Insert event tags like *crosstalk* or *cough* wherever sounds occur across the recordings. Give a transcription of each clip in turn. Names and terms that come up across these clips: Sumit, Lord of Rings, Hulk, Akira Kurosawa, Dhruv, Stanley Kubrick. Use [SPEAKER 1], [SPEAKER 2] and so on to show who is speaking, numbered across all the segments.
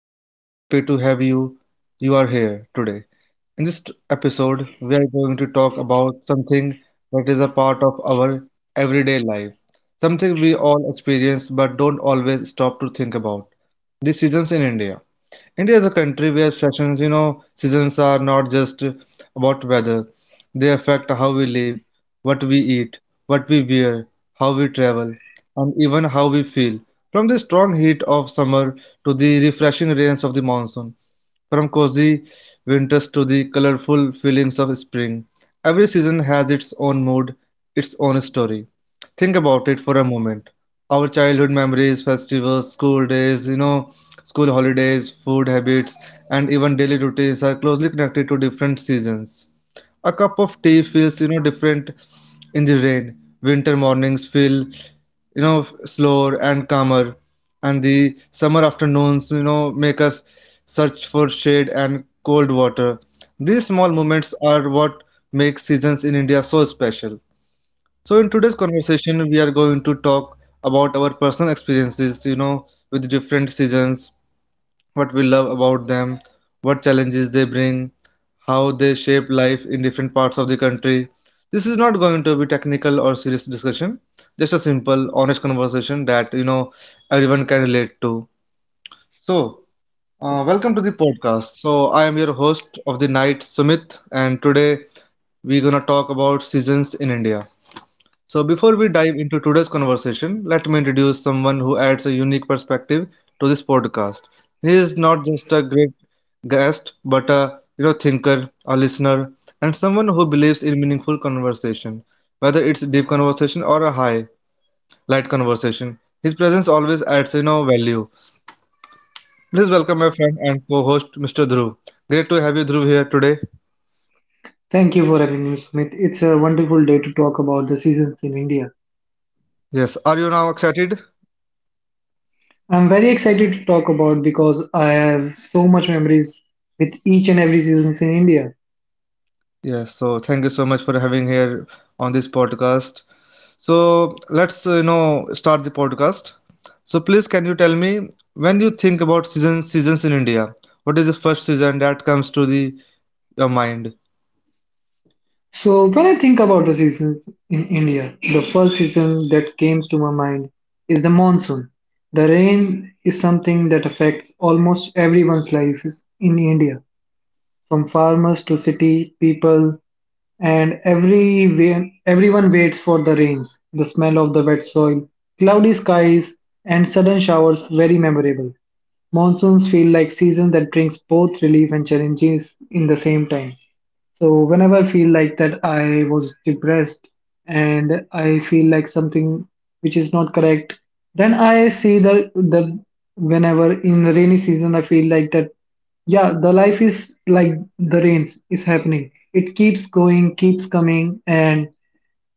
[SPEAKER 1] I'm really happy to have you. You are here today. In this episode, we are going to talk about something that is a part of our everyday life, something we all experience but don't always stop to think about. The seasons in India. India is a country where seasons are not just about weather. They affect how we live, what we eat, what we wear, how we travel, and even how we feel. From the strong heat of summer to the refreshing rains of the monsoon. From cozy winters to the colorful feelings of spring, every season has its own mood, its own story. Think about it for a moment. Our childhood memories, festivals, school days, you know, school holidays, food habits, and even daily routines are closely connected to different seasons. A cup of tea feels different in the rain. Winter mornings feel slower and calmer, and the summer afternoons make us search for shade and cold water. These small moments are what make seasons in India so special. So in today's conversation, we are going to talk about our personal experiences with different seasons, what we love about them, what challenges they bring, how they shape life in different parts of the country. This is not going to be technical or serious discussion, just a simple, honest conversation that everyone can relate to. So, welcome to the podcast. So, I am your host of the night, Sumit, and today we're gonna talk about seasons in India. So, before we dive into today's conversation, let me introduce someone who adds a unique perspective to this podcast. He is not just a great guest, but a thinker, a listener, and someone who believes in meaningful conversation, whether it's a deep conversation or a high light conversation. His presence always adds value. Please welcome my friend and co-host, Mr. Dhruv. Great to have you, Dhruv, here today.
[SPEAKER 2] Thank you for having me, Smith. It's a wonderful day to talk about the seasons in India.
[SPEAKER 1] Yes, are you now excited?
[SPEAKER 2] I'm very excited to talk about because I have so much memories with each and every seasons in India.
[SPEAKER 1] Yes, so thank you so much for having here on this podcast. So let's start the podcast. So please, can you tell me, when you think about seasons in India, what is the first season that comes to the your mind?
[SPEAKER 2] So when I think about the seasons in India, the first season that comes to my mind is the monsoon. The rain is something that affects almost everyone's lives in India, from farmers to city people, and everyone waits for the rains. The smell of the wet soil, cloudy skies, and sudden showers very memorable. Monsoons feel like seasons that brings both relief and challenges in the same time. So whenever I feel like that I was depressed and I feel like something which is not correct, then I see that the whenever in the rainy season I feel like that yeah, the life is like the rains is happening. It keeps going, keeps coming, and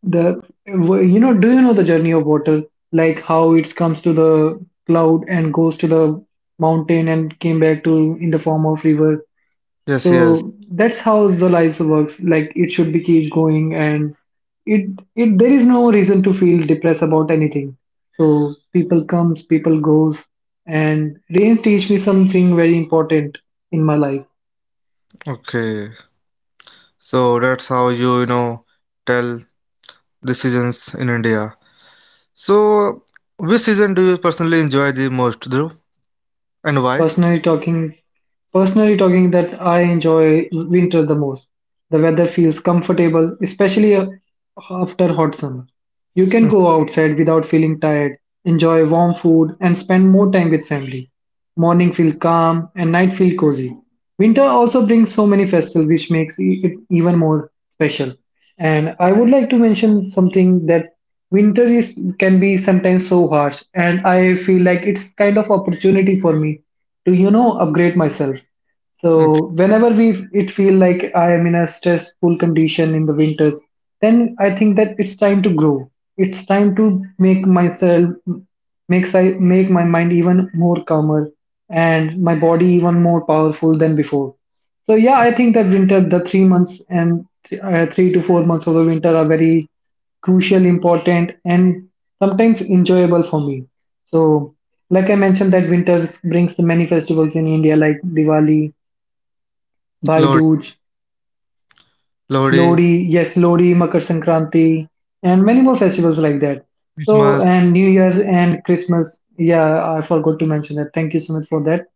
[SPEAKER 2] the you know do you know the journey of water, like how it comes to the cloud and goes to the mountain and came back to in the form of river,
[SPEAKER 1] Yes, yes.
[SPEAKER 2] so that's how Zolize works. Like it should be keep going, and it it there is no reason to feel depressed about anything. So people comes, people goes, and rain teach me something very important in my life.
[SPEAKER 1] Okay. So that's how you you know tell the seasons in India. So which season do you personally enjoy the most, Dhruv, and why?
[SPEAKER 2] Personally talking, Personally talking that I enjoy winter the most. The weather feels comfortable, especially after hot summer. You can go outside without feeling tired, enjoy warm food and spend more time with family. Morning feel calm and night feel cozy. Winter also brings so many festivals which makes it even more special. And I would like to mention something that winter is can be sometimes so harsh, and I feel like it's kind of opportunity for me to upgrade myself.
[SPEAKER 1] Okay.
[SPEAKER 2] So whenever we it feel like I am in a stressful condition in the winters, then I think that it's time to grow. It's time to make myself make my mind even more calmer and my body even more powerful than before. So yeah, I think that winter, the 3 months and 3 to 4 months of the winter are very crucial, important, and sometimes enjoyable for me. So like I mentioned, that winter brings many festivals in India, like Diwali, Bhai
[SPEAKER 1] Lord,
[SPEAKER 2] Dooj,
[SPEAKER 1] Lodi,
[SPEAKER 2] Lodi, yes, Lodi, Makar Sankranti, and many more festivals like that. So,
[SPEAKER 1] Christmas.
[SPEAKER 2] and New Year and Christmas. Yeah, I forgot to mention that. Thank you so much for that.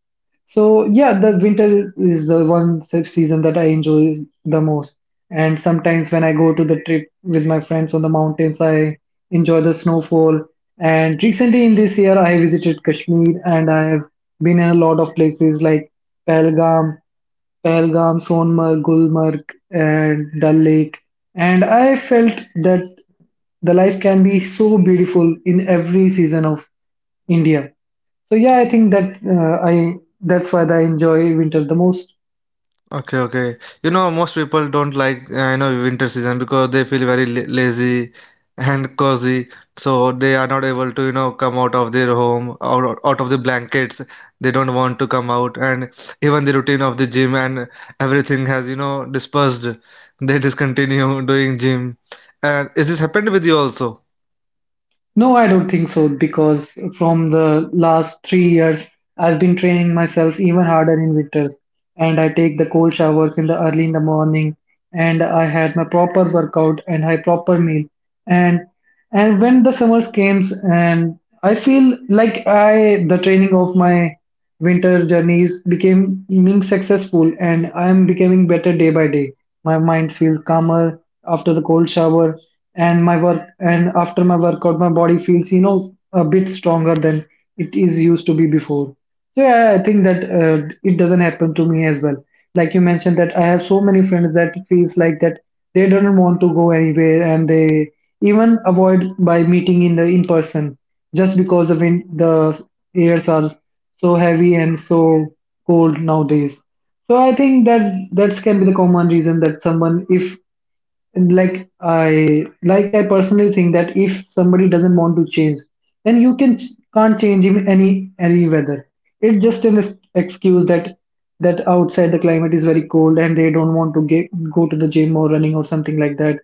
[SPEAKER 2] So yeah, the winter is the one season that I enjoy the most. And sometimes when I go to the trip with my friends on the mountains, I enjoy the snowfall. And recently in this year, I visited Kashmir and I have been in a lot of places like Pahalgam, Pahalgam, Sonmarg, Gulmarg, and Dal Lake. And I felt that the life can be so beautiful in every season of India. So yeah, I think that I that's why I enjoy winter the most.
[SPEAKER 1] Okay, okay. You know, most people don't like winter season because they feel very lazy and cozy, so they are not able to come out of their home or out of the blankets. They don't want to come out, and even the routine of the gym and everything has dispersed. They discontinue *laughs* doing gym, and is this happened with you also?
[SPEAKER 2] No, I don't think so, because from the last 3 years, I've been training myself even harder in winters, and I take the cold showers in the early in the morning, and I had my proper workout and I proper meal, and when the summers came, and I feel like I the training of my winter journeys became being successful, and I am becoming better day by day. My mind feels calmer after the cold shower, and my work and after my workout my body feels a bit stronger than it is used to be before. So yeah, I think that it doesn't happen to me as well. Like you mentioned, that I have so many friends that feels like that they don't want to go anywhere, and they even avoid by meeting in the in person, just because the airs are so heavy and so cold nowadays. So I think that that can be the common reason that someone if and like I personally think that if somebody doesn't want to change, then you can can't change him any weather. It's just an excuse that outside the climate is very cold and they don't want to get, go to the gym or running or something like that.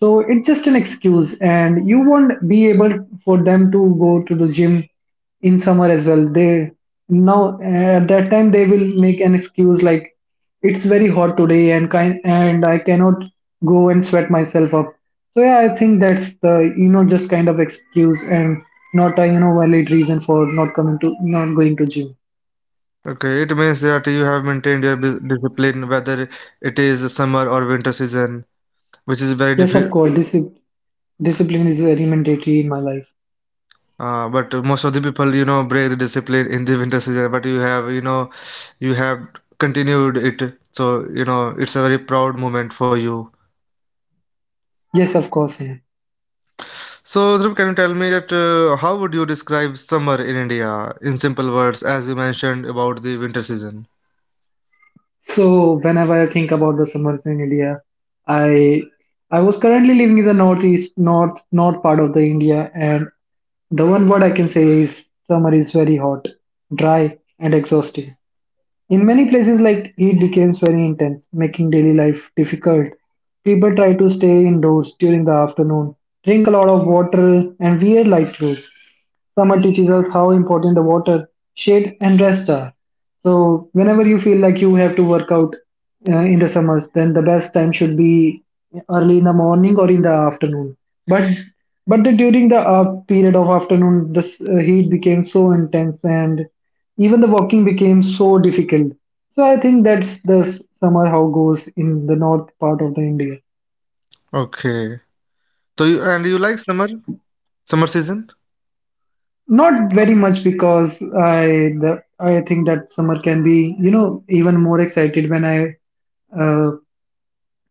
[SPEAKER 2] So it's just an excuse, and you won't be able for them to go to the gym in summer as well. They now at that time they will make an excuse like it's very hot today and kind and I cannot go and sweat myself up. So yeah, I think that's the just kind of excuse and not a valid reason for not coming to not going to gym.
[SPEAKER 1] Okay, it means that you have maintained your discipline, whether it is summer or winter season, which is very.
[SPEAKER 2] Yes, of
[SPEAKER 1] Diff
[SPEAKER 2] course, discipline is very mandatory in my life.
[SPEAKER 1] But most of the people, break the discipline in the winter season. But you have continued it. So, it's a very proud moment for you.
[SPEAKER 2] Yes, of course. Yeah.
[SPEAKER 1] So, Dhruv, can you tell me that how would you describe summer in India in simple words, as you mentioned about the winter season?
[SPEAKER 2] So whenever I think about the summers in India, I I was currently living in the northeast, north part of the India, and the one word I can say is summer is very hot, dry, and exhausting. In many places, like heat becomes very intense, making daily life difficult. People try to stay indoors during the afternoon, drink a lot of water, and wear light clothes. Summer teaches us how important the water, shade, and rest are. So, whenever you feel like you have to work out in the summers, then the best time should be early in the morning or in the afternoon. But during the period of afternoon, the heat became so intense, and even the walking became so difficult. So I think that's the summer how goes in the north part of the India.
[SPEAKER 1] Okay. So, you like summer season?
[SPEAKER 2] Not very much, because I think that summer can be even more excited when I uh,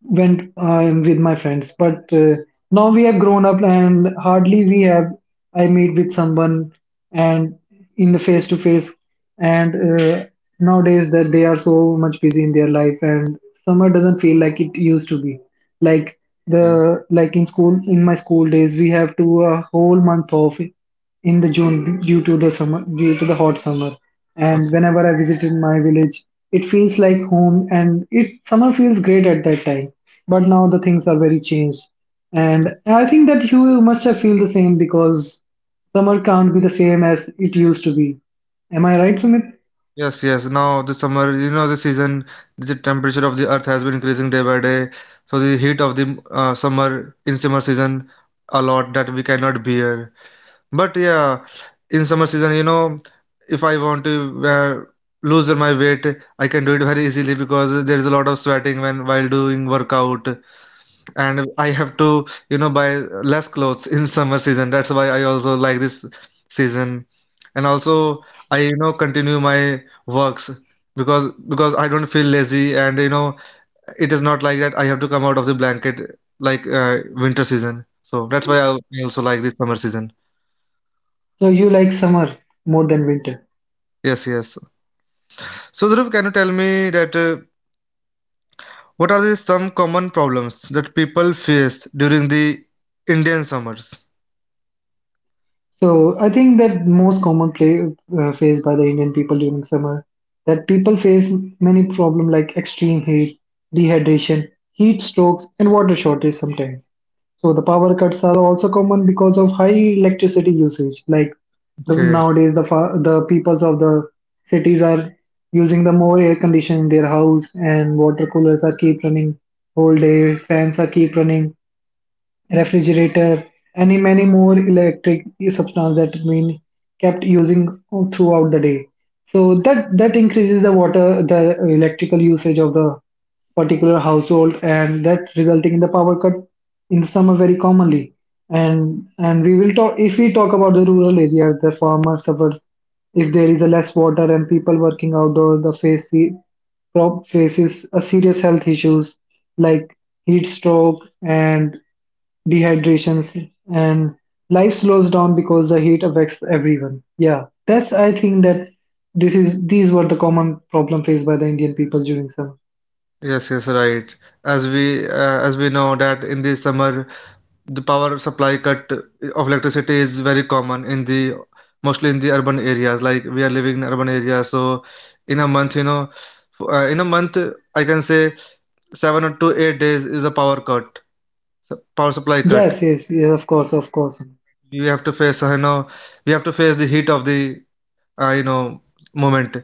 [SPEAKER 2] went with my friends, but now we have grown up and hardly we have I meet with someone and in the face to face and uh, nowadays that they are so much busy in their life, and summer doesn't feel like it used to be, like
[SPEAKER 1] Yeah.
[SPEAKER 2] the like in school in my school days we have to a whole month off in the June due to the summer, due to the hot summer. And
[SPEAKER 1] Okay.
[SPEAKER 2] whenever I visited my village, it feels like home, and it summer feels great at that time. But now the things are very changed. And I think that you must have feel the same, because summer can't be the same as it used to be. Am I right, Sumit?
[SPEAKER 1] Yes, yes. Now the summer, the season, the temperature of the earth has been increasing day by day. So the heat of the summer in summer season, a lot that we cannot bear. But yeah, in summer season, if I want to lose my weight, I can do it very easily because there is a lot of sweating when while doing workout, and I have to, buy less clothes in summer season. That's why I also like this season. And also I, continue my works because I don't feel lazy, and it is not like that I have to come out of the blanket like winter season. So that's why I also like this summer season.
[SPEAKER 2] So you like summer more than winter.
[SPEAKER 1] Yes, yes. So, Dhruv, can you tell me that what are the some common problems that people face during the Indian summers?
[SPEAKER 2] So I think that most common play faced by the Indian people during summer that people face many problems like extreme heat, dehydration, heat strokes, and water shortage sometimes. So the power cuts are also common because of high electricity usage. Like the,
[SPEAKER 1] Okay.
[SPEAKER 2] nowadays, the peoples of the cities are using the more air condition in their house, and water coolers are keep running whole day, fans are keep running, refrigerator, and many more electric substances that we kept using throughout the day. So that that increases the water, the electrical usage of the particular household, and that resulting in the power cut in summer very commonly. And we will talk if we talk about the rural areas, the farmer suffers if there is a less water, and people working outdoor, the face the prop faces a serious health issues like heat stroke and dehydrations, and life slows down because the heat affects everyone. Yeah, that's I think that this is these were the common problem faced by the Indian people during summer.
[SPEAKER 1] Yes, yes, right. As we know that in the summer, the power supply cut of electricity is very common in the mostly in the urban areas. Like we are living in urban areas, so in a month, I can say seven or to 8 days is a power cut, power supply cut.
[SPEAKER 2] Yes, yes, yes,
[SPEAKER 1] You have to face, you know, we have to face the heat of the uh, you know moment.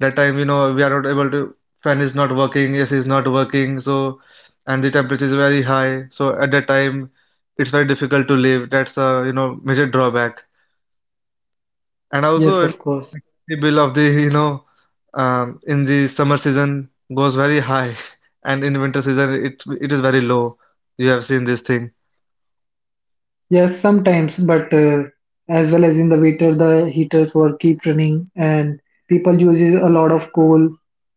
[SPEAKER 1] That time we are not able to, fan is not working, AC is not working, so and the temperature is very high, so at that time it's very difficult to live. That's a major drawback. And also,
[SPEAKER 2] of course,
[SPEAKER 1] the bill of the in the summer season goes very high *laughs* and in winter season it is very low. You have seen this thing?
[SPEAKER 2] yes, sometimes, but as well as in the winter, the heaters were keep running, and people uses a lot of coal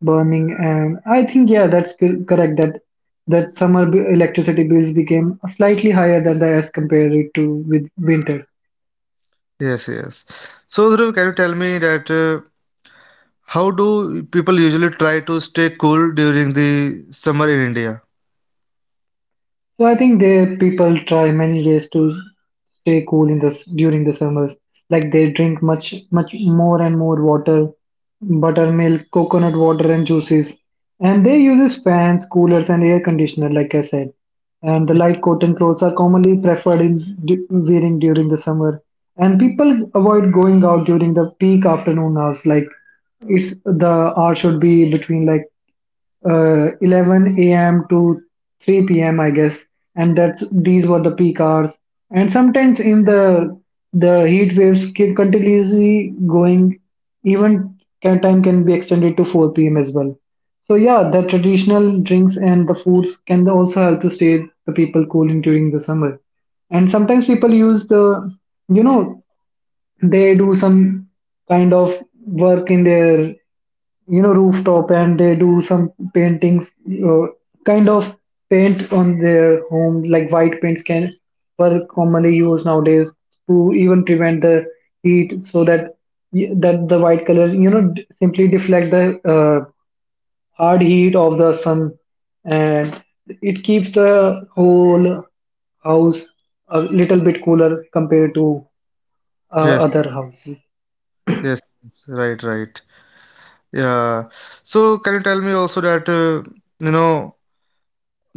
[SPEAKER 2] burning, and I think yeah, that's correct that summer electricity bills became slightly higher than the as compared it to with winters.
[SPEAKER 1] Yes, yes. So, Dhruv, can you tell me that how do people usually try to stay cool during the summer in India?
[SPEAKER 2] So I think they people try many ways to stay cool in this during the summers. Like they drink much more and more water, buttermilk, coconut water and juices. And they uses fans, coolers and air conditioner, like I said. And the light cotton clothes are commonly preferred in wearing during the summer. And people avoid going out during the peak afternoon hours, like it's the hour should be between like 11 a.m. to 3 p.m. I guess, and that's these were the peak hours. And sometimes in the heat waves keep continuously going, even can, time can be extended to 4 p.m. as well. So yeah, the traditional drinks and the foods can also help to stay the people cool in during the summer. And sometimes people use the, you know they do some kind of work in their, rooftop, and they do some paintings, uh, kind of paint on their home. Like white paints can were commonly used nowadays to even prevent the heat, so that that the white colors, simply deflect the hard heat of the sun, and it keeps the whole house a little bit cooler compared to uh,
[SPEAKER 1] Yes,
[SPEAKER 2] other houses.
[SPEAKER 1] yes, yes, right, right. Yeah. So, can you tell me also that, you know,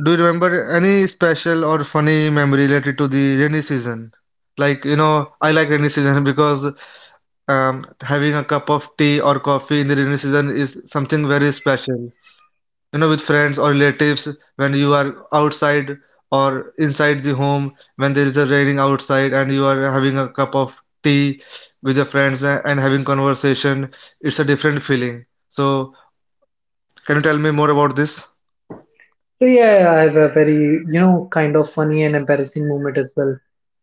[SPEAKER 1] do you remember any special or funny memory related to the rainy season? Like, I like rainy season *laughs* because having a cup of tea or coffee in the rainy season is something very special. With friends or relatives, when you are outside or inside the home, when there is a raining outside and you are having a cup of tea with your friends and having conversation, it's a different feeling. So, can you tell me more about this?
[SPEAKER 2] So yeah, yeah, I have a very, kind of funny and embarrassing moment as well.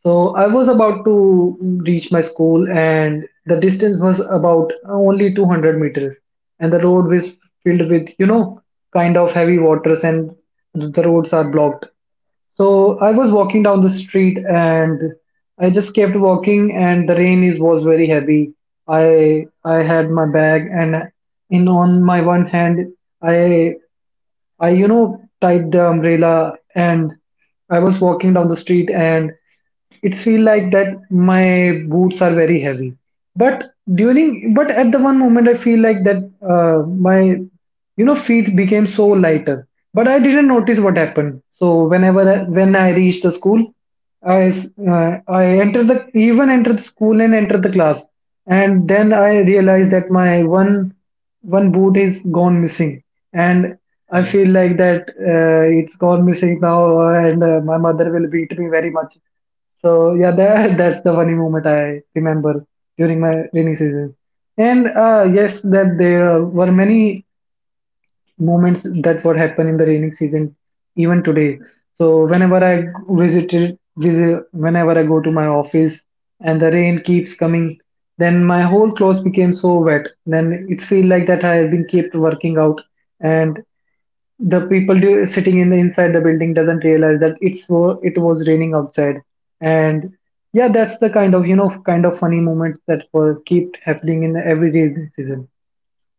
[SPEAKER 2] So I was about to reach my school, and the distance was about only 200 meters, and the road was filled with, kind of heavy waters, and the roads are blocked. So I was walking down the street, and I just kept walking, and the rain is was very heavy. I had my bag, and in on my one hand, I I tied the umbrella, and I was walking down the street, and it feel like that my boots are very heavy. But but at the one moment, I feel like that my, feet became so lighter. But I didn't notice what happened. So when I reached the school, I entered the even entered the school, and entered the class, and then I realized that my one boot is gone missing, and I feel like that it's gone missing now, and my mother will beat me very much. So yeah, that *laughs* that's the funny moment I remember during my rainy season. And yes, that there were many moments that would happen in the rainy season, even today. So whenever I whenever I go to my office, and the rain keeps coming, then my whole clothes became so wet. Then it feel like that I have been kept working out, and the people sitting in the inside the building, doesn't realize that it was raining outside. And yeah, that's the kind of, kind of funny moments that were keep happening in every rainy season.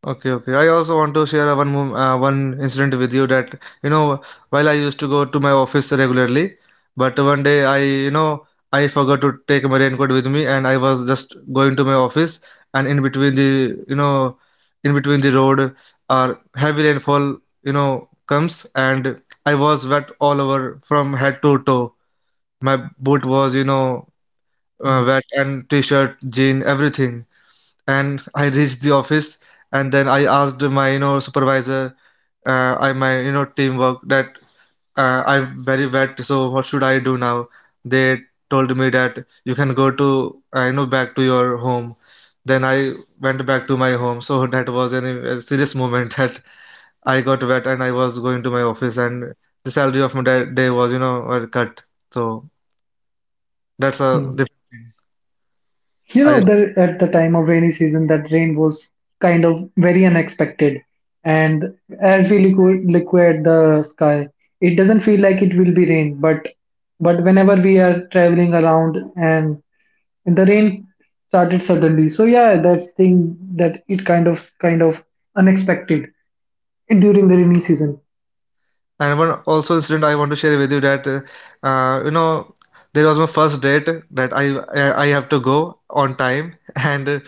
[SPEAKER 1] Okay, okay. I also want to share one one incident with you that you know while I used to go to my office regularly, but one day I you know I forgot to take my raincoat with me, and I was just going to my office, and you know in between the road, heavy rainfall comes, and I was wet all over from head to toe. My boot was
[SPEAKER 2] Hmm.
[SPEAKER 1] wet, and t-shirt, jean, everything, and I reached the office, and then I asked my supervisor, I my teamwork, that I'm very wet, so what should I do now? They told me that you can go to back to your home. Then I went back to my home, so *laughs* that was a serious moment *laughs* that I got wet and I was going to my office, and the salary of my day was were cut, so that's a
[SPEAKER 2] Hmm.
[SPEAKER 1] diff-
[SPEAKER 2] you know
[SPEAKER 1] I
[SPEAKER 2] the, at the time of rainy season, that rain was kind of very unexpected, and as we liquid the sky, it doesn't feel like it will be rain, but whenever we are traveling around and the rain started suddenly. So yeah, that's thing that it kind of, unexpected during the rainy season.
[SPEAKER 1] and one also incident I want to share with you that uh, you know there was my first date, that I have to go on time *laughs* and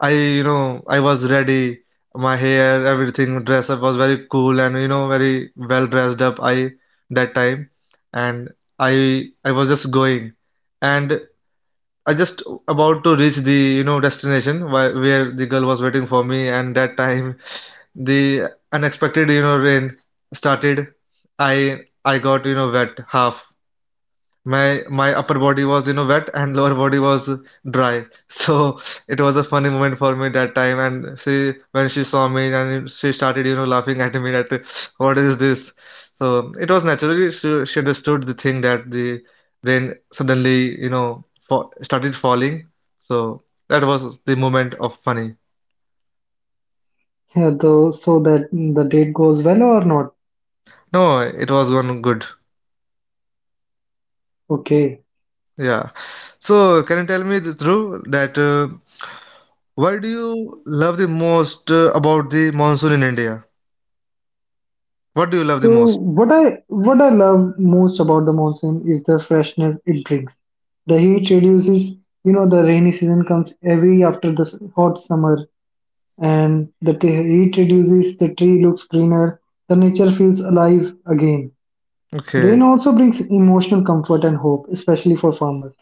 [SPEAKER 1] I you know I was ready, my hair, everything, dress up was very cool, and very well dressed up I that time, and I was just going, and I just about to reach the destination, where the girl was waiting for me, and that time the unexpected rain started. I got wet half, my upper body was wet, and *laughs* lower body was dry, so it was a funny moment for me that time, and she when she saw me, and she started laughing at me, that *laughs* what is this? So it was naturally, she understood the thing, that the rain suddenly started falling, so that was the moment of funny.
[SPEAKER 2] Yeah, though, so that the date goes well or not?
[SPEAKER 1] No, it was one good.
[SPEAKER 2] Okay.
[SPEAKER 1] Yeah. So, can you tell me, this, Dhruv, that why do you love the most about the monsoon in India? What do you love the
[SPEAKER 2] So
[SPEAKER 1] most?
[SPEAKER 2] what I love most about the monsoon is the freshness it brings. The heat reduces. You know, the rainy season comes every after the hot summer, and the heat reduces, the tree looks greener, the nature feels alive again.
[SPEAKER 1] Okay.
[SPEAKER 2] Rain also brings emotional comfort and hope, especially for farmers.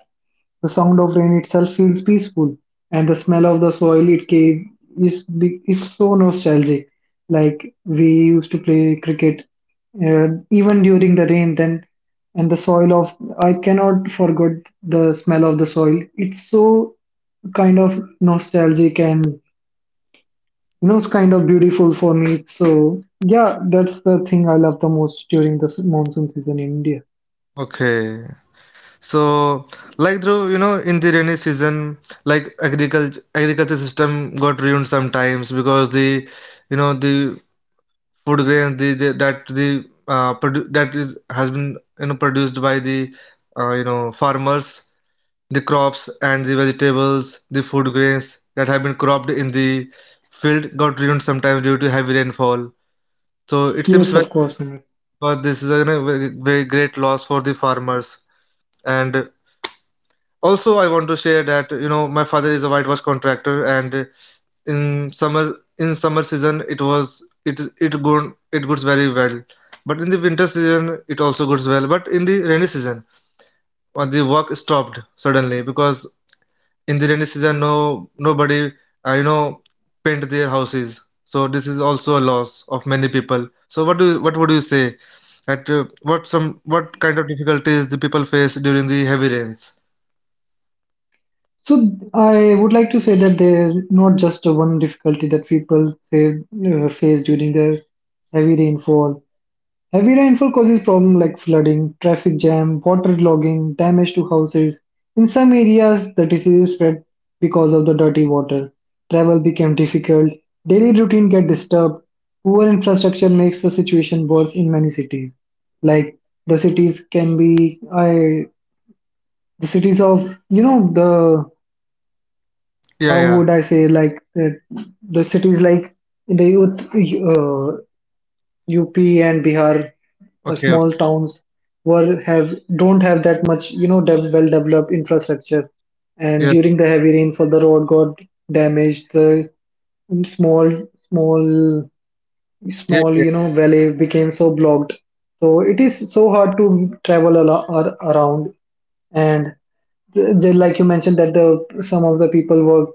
[SPEAKER 2] The sound of rain itself feels peaceful, and the smell of the soil it gave is so nostalgic. Like we used to play cricket, even during the rain. Then, and the soil of, I cannot forget the smell of the soil. It's so kind of nostalgic, and it's kind of beautiful for me. So yeah, that's the thing I love the most during the monsoon season in India.
[SPEAKER 1] Okay. So, like Dhruv, in the rainy season, like agriculture system got ruined sometimes because the food grain the that the produ that is has been produced by the farmers. The crops and the vegetables, the food grains that have been cropped in the field got ruined sometimes due to heavy rainfall. So it seems
[SPEAKER 2] Yes,
[SPEAKER 1] very,
[SPEAKER 2] of course, Amit.
[SPEAKER 1] but this is a very, very great loss for the farmers. And also, I want to share that you know my father is a whitewash contractor, and in summer season it was it it good it goes very well, but in the winter season it also goes well. But in the rainy season, the work stopped suddenly because in the rainy season no nobody uh, you know paint their houses, so this is also a loss of many people. So what would you say at what kind of difficulties the people face during the heavy rains?
[SPEAKER 2] So I would like to say that there's not just a one difficulty that people say face during their heavy rainfall. Heavy rainfall causes problems like flooding, traffic jam, water logging, damage to houses. In some areas, the disease spread because of the dirty water. Travel became difficult. Daily routine get disturbed. Poor infrastructure makes the situation worse in many cities. Like the cities can be, I, the cities of, the,
[SPEAKER 1] yeah
[SPEAKER 2] how
[SPEAKER 1] yeah
[SPEAKER 2] would I say, like the cities like in the youth, uh, UP and Bihar,
[SPEAKER 1] okay
[SPEAKER 2] small
[SPEAKER 1] okay
[SPEAKER 2] towns were have don't have that much, well developed infrastructure, and
[SPEAKER 1] Yes.
[SPEAKER 2] during the heavy rainfall the road got damaged. The small small
[SPEAKER 1] yes
[SPEAKER 2] small
[SPEAKER 1] yes
[SPEAKER 2] valley became so blocked. So it is so hard to travel a lot around, and like you mentioned that the some of the people were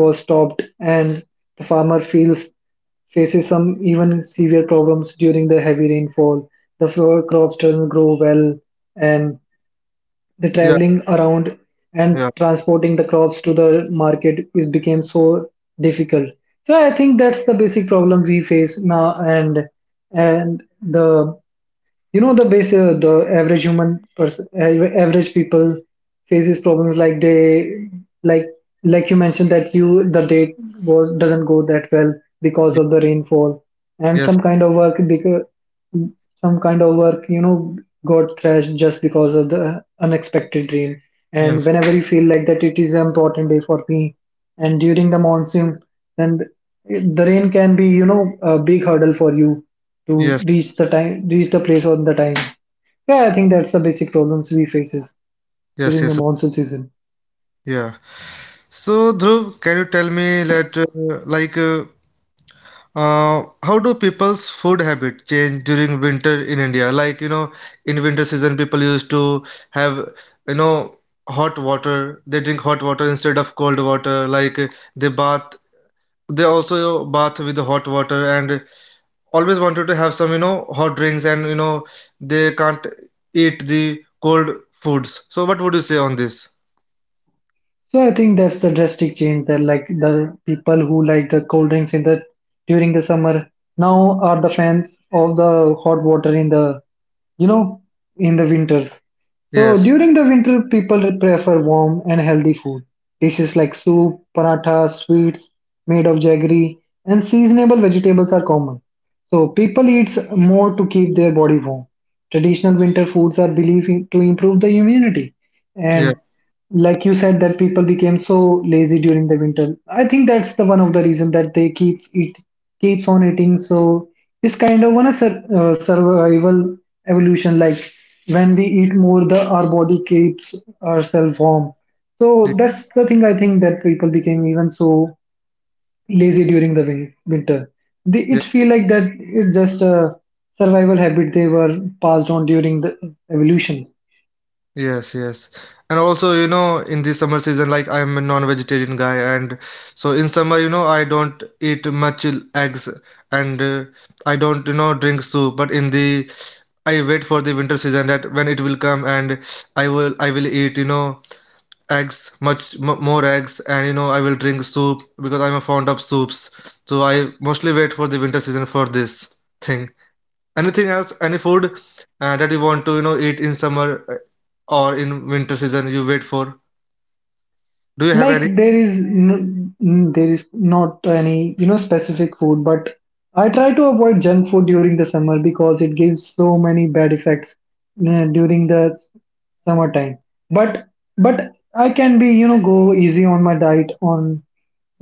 [SPEAKER 2] was stopped, and the farmer feels faces some even severe problems during the heavy rainfall. The crops doesn't grow well, and the
[SPEAKER 1] yeah
[SPEAKER 2] traveling around and
[SPEAKER 1] yeah.
[SPEAKER 2] transporting the crops to the market is became so difficult. So I think that's the basic problem we face now, and the, the base, the average human, person, average people faces problems like they, like you mentioned that you, the date was doesn't go that well because
[SPEAKER 1] Yeah,
[SPEAKER 2] of the rainfall, and
[SPEAKER 1] yes.
[SPEAKER 2] some kind of work because some kind of work, got thrashed just because of the unexpected rain. And
[SPEAKER 1] And-
[SPEAKER 2] whenever you feel like that it is an important day for me, and during the monsoon, then the rain can be, a big hurdle for you to
[SPEAKER 1] yes.
[SPEAKER 2] reach the time, reach the place on the time. Yeah, I think that's the basic problems we faces
[SPEAKER 1] yes
[SPEAKER 2] during the
[SPEAKER 1] yes
[SPEAKER 2] monsoon season.
[SPEAKER 1] Yeah. So Dhruv, can you tell me that how do people's food habit change during winter in India? Like, you know, in winter season, people used to have, you know, hot water. They drink hot water instead of cold water. Like, they bath. They also bath with the hot water and always wanted to have some, you know, hot drinks and, you know, they can't eat the cold foods. So, what would you say on this?
[SPEAKER 2] So I think that's the drastic change that, like, the people who like the cold drinks in the, during the summer, now are the fans of the hot water in the, you know in the winters. So
[SPEAKER 1] Yes.
[SPEAKER 2] during the winter, people prefer warm and healthy food. Dishes like soup, paratha, sweets made of jaggery, and seasonable vegetables are common. So people eats more to keep their body warm. Traditional winter foods are believed to improve the immunity. And
[SPEAKER 1] Yeah.
[SPEAKER 2] like you said, that people became so lazy during the winter. I think that's the one of the reason that they keeps on eating. So this kind of one is a survival evolution. Like when we eat more, the our body keeps ourselves warm.
[SPEAKER 1] Yeah.
[SPEAKER 2] So that's the thing I think, that people became even so lazy during the winter. They, it feel like that it's just a survival habit they were passed on during the evolution.
[SPEAKER 1] Yes, yes. And also, you know, in the summer season, like I'm a non-vegetarian guy, and so in summer, you know, I don't eat much eggs and I don't, you know, drink soup. But in the, I wait for the winter season that when it will come and I will eat, you know, eggs, much m more eggs, and you know, I will drink soup because I'm a fond of soups. So I mostly wait for the winter season for this thing. Anything else? Any food that you want to, you know, eat in summer or in winter season you wait for? Do you have
[SPEAKER 2] Like
[SPEAKER 1] any?
[SPEAKER 2] there is there is not any, specific food, but I try to avoid junk food during the summer because it gives so many bad effects during the summertime. But I can be, go easy on my diet on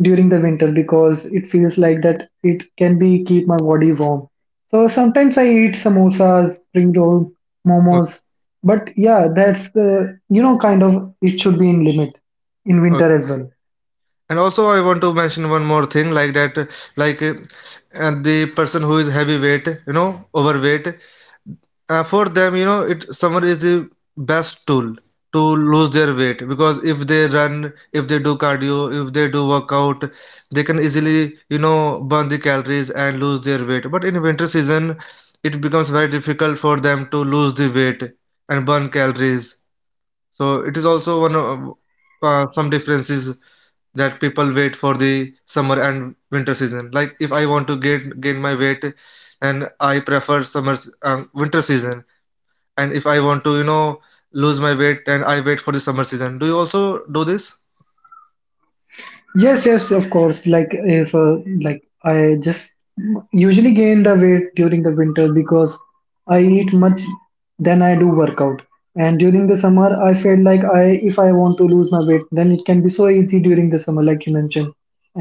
[SPEAKER 2] during the winter because it feels like that it can be keep my body warm. So sometimes I eat samosas, spring roll,
[SPEAKER 1] Okay,
[SPEAKER 2] momos, but yeah, that's the, kind of, it should be in limit in
[SPEAKER 1] okay.
[SPEAKER 2] winter as well.
[SPEAKER 1] And also, I want to mention one more thing like that, like uh, and the person who is heavyweight, you know, overweight, for them you know it summer is the best tool to lose their weight, because if they run, if they do cardio, if they do workout, they can easily you know burn the calories and lose their weight. But in winter season it becomes very difficult for them to lose the weight and burn calories. So it is also one of some differences that people wait for the summer and winter season. Like if I want to gain my weight, and I prefer summer, winter season, and if I want to, you know, lose my weight, and I wait for the summer season. Do you also do this?
[SPEAKER 2] Yes, yes, of course. Like if like I just usually gain the weight during the winter because I eat much than I do workout. And during the summer, I felt like I if I want to lose my weight, then it can be so easy during the summer, like you mentioned.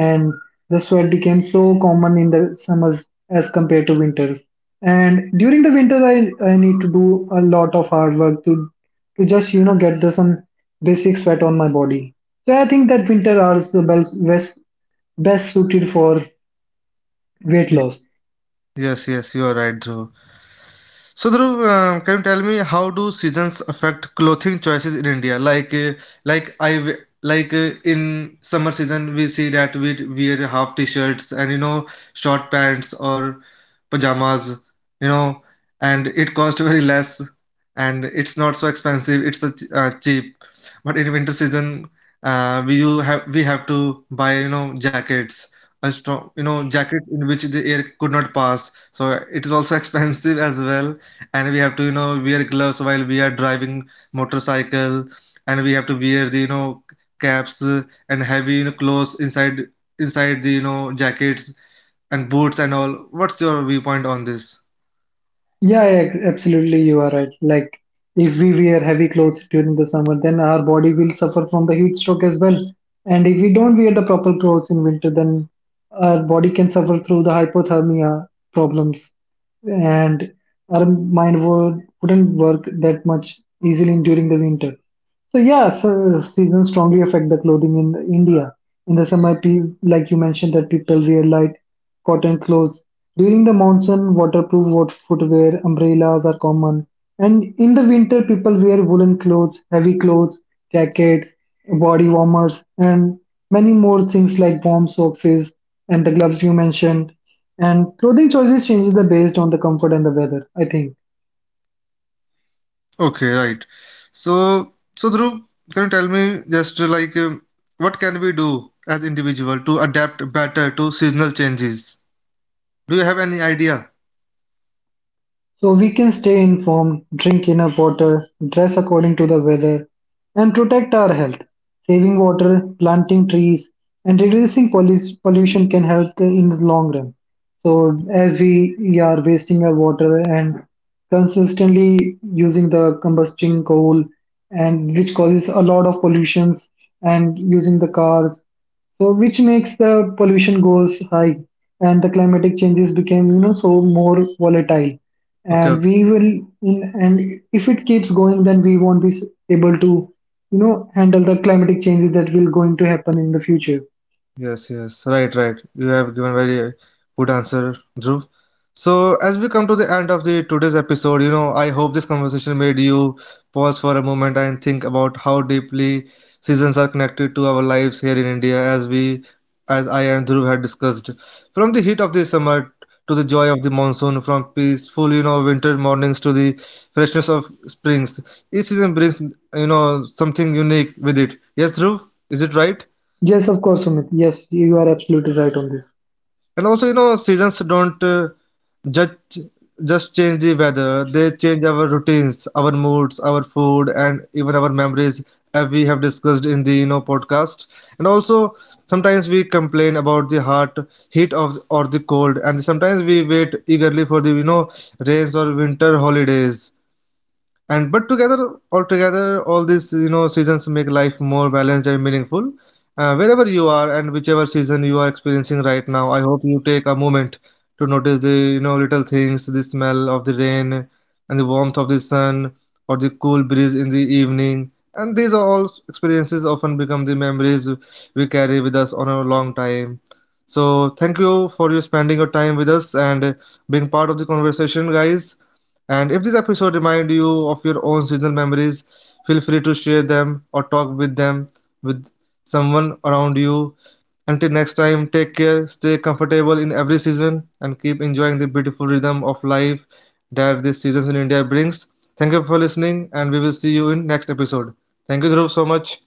[SPEAKER 2] And the sweat became so common in the summers as compared to winters. And during the winter, I need to do a lot of hard work to just, get the some basic sweat on my body. So I think that winter are the best, best suited for weight
[SPEAKER 1] Ye-
[SPEAKER 2] loss.
[SPEAKER 1] Yes, yes, you are right, Dhruv. So Dhruv, can you tell me how do seasons affect clothing choices in India? Like, like I w- in summer season we see that we wear half t-shirts and you know short pants or pajamas, you know, and it costs *laughs* very less and it's not so expensive. It's a, cheap. But in winter season, we have to buy you know jackets, a strong you know jacket in which the air could not pass. So it is also *laughs* expensive as well, and we have to you know wear gloves while we are driving motorcycle, and we have to wear the you know caps, and heavy you know clothes inside the you know jackets and boots and all. What's your viewpoint on this?
[SPEAKER 2] Yeah, yeah, absolutely, you are right. Like if we wear heavy clothes during the summer, then our body will suffer from the heat stroke as well. And if we don't wear the proper clothes in winter, then our body can suffer through the hypothermia problems, and our mind wouldn't work that much easily during the winter. So yeah, so seasons strongly affect the clothing in India. In the summer, like you mentioned, that people wear light cotton clothes. During the monsoon, waterproof footwear, umbrellas are common. And in the winter, people wear woolen clothes, heavy clothes, jackets, body warmers, and many more things like warm socks and the gloves you mentioned. And clothing choices changes the based on the comfort and the weather, I think.
[SPEAKER 1] Okay, right. So so Dhruv, can you tell me just what can we do as individual to adapt better to seasonal changes? Do you have any idea?
[SPEAKER 2] So we can stay informed, drink enough water, dress according to the weather, and protect our health. Saving water, planting trees, and reducing pollution can help the, in the long run. So as we are wasting our water and consistently using the combusting coal, and which causes a lot of pollutions, and using the cars, so which makes the pollution goes high, and the climatic changes became, so more volatile,
[SPEAKER 1] Okay.
[SPEAKER 2] and we will in, and if it keeps going, then we won't be able to, you know handle the climatic changes that will going to happen in the future.
[SPEAKER 1] Yes, yes, right, right. You have given very good answer, Dhruv. So as we come to the end of the today's episode, you know, I hope this conversation made you pause for a moment and think about how deeply seasons are connected to our lives here in India, as we as I and Dhruv had discussed. From the heat of the summer to the joy of the monsoon, from peaceful, you know, winter mornings to the freshness of springs. Each season brings, you know, something unique with it. Yes, Dhruv, is it right?
[SPEAKER 2] Yes, of course, Sumit, yes, you are absolutely right on this.
[SPEAKER 1] And also, you know, seasons don't just just change the weather. They change our routines, our moods, our food, and even our memories, as we have discussed in the you know podcast. And also, sometimes we complain about the hot heat of or the cold, and sometimes we wait eagerly for the you know rains or winter holidays, and but together altogether all these you know seasons make life more balanced and meaningful. Uh, wherever you are and whichever season you are experiencing right now, I hope you take a moment to notice the you know little things, the smell of the rain and the warmth of the sun or the cool breeze in the evening, and these are all experiences often become the memories we carry with us on a long time. So thank you for you spending your time with us and being part of the conversation guys, and if this episode reminded you of your own seasonal memories, feel free to share them or talk with them with someone around you. Until next time, take care, stay comfortable in every season, and keep enjoying the beautiful rhythm of life that this season in India brings. Thank you for listening, and we will see you in next episode. Thank you, Dhruv, so much.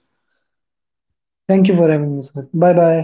[SPEAKER 2] Thank you for having me, Sumit. Bye bye.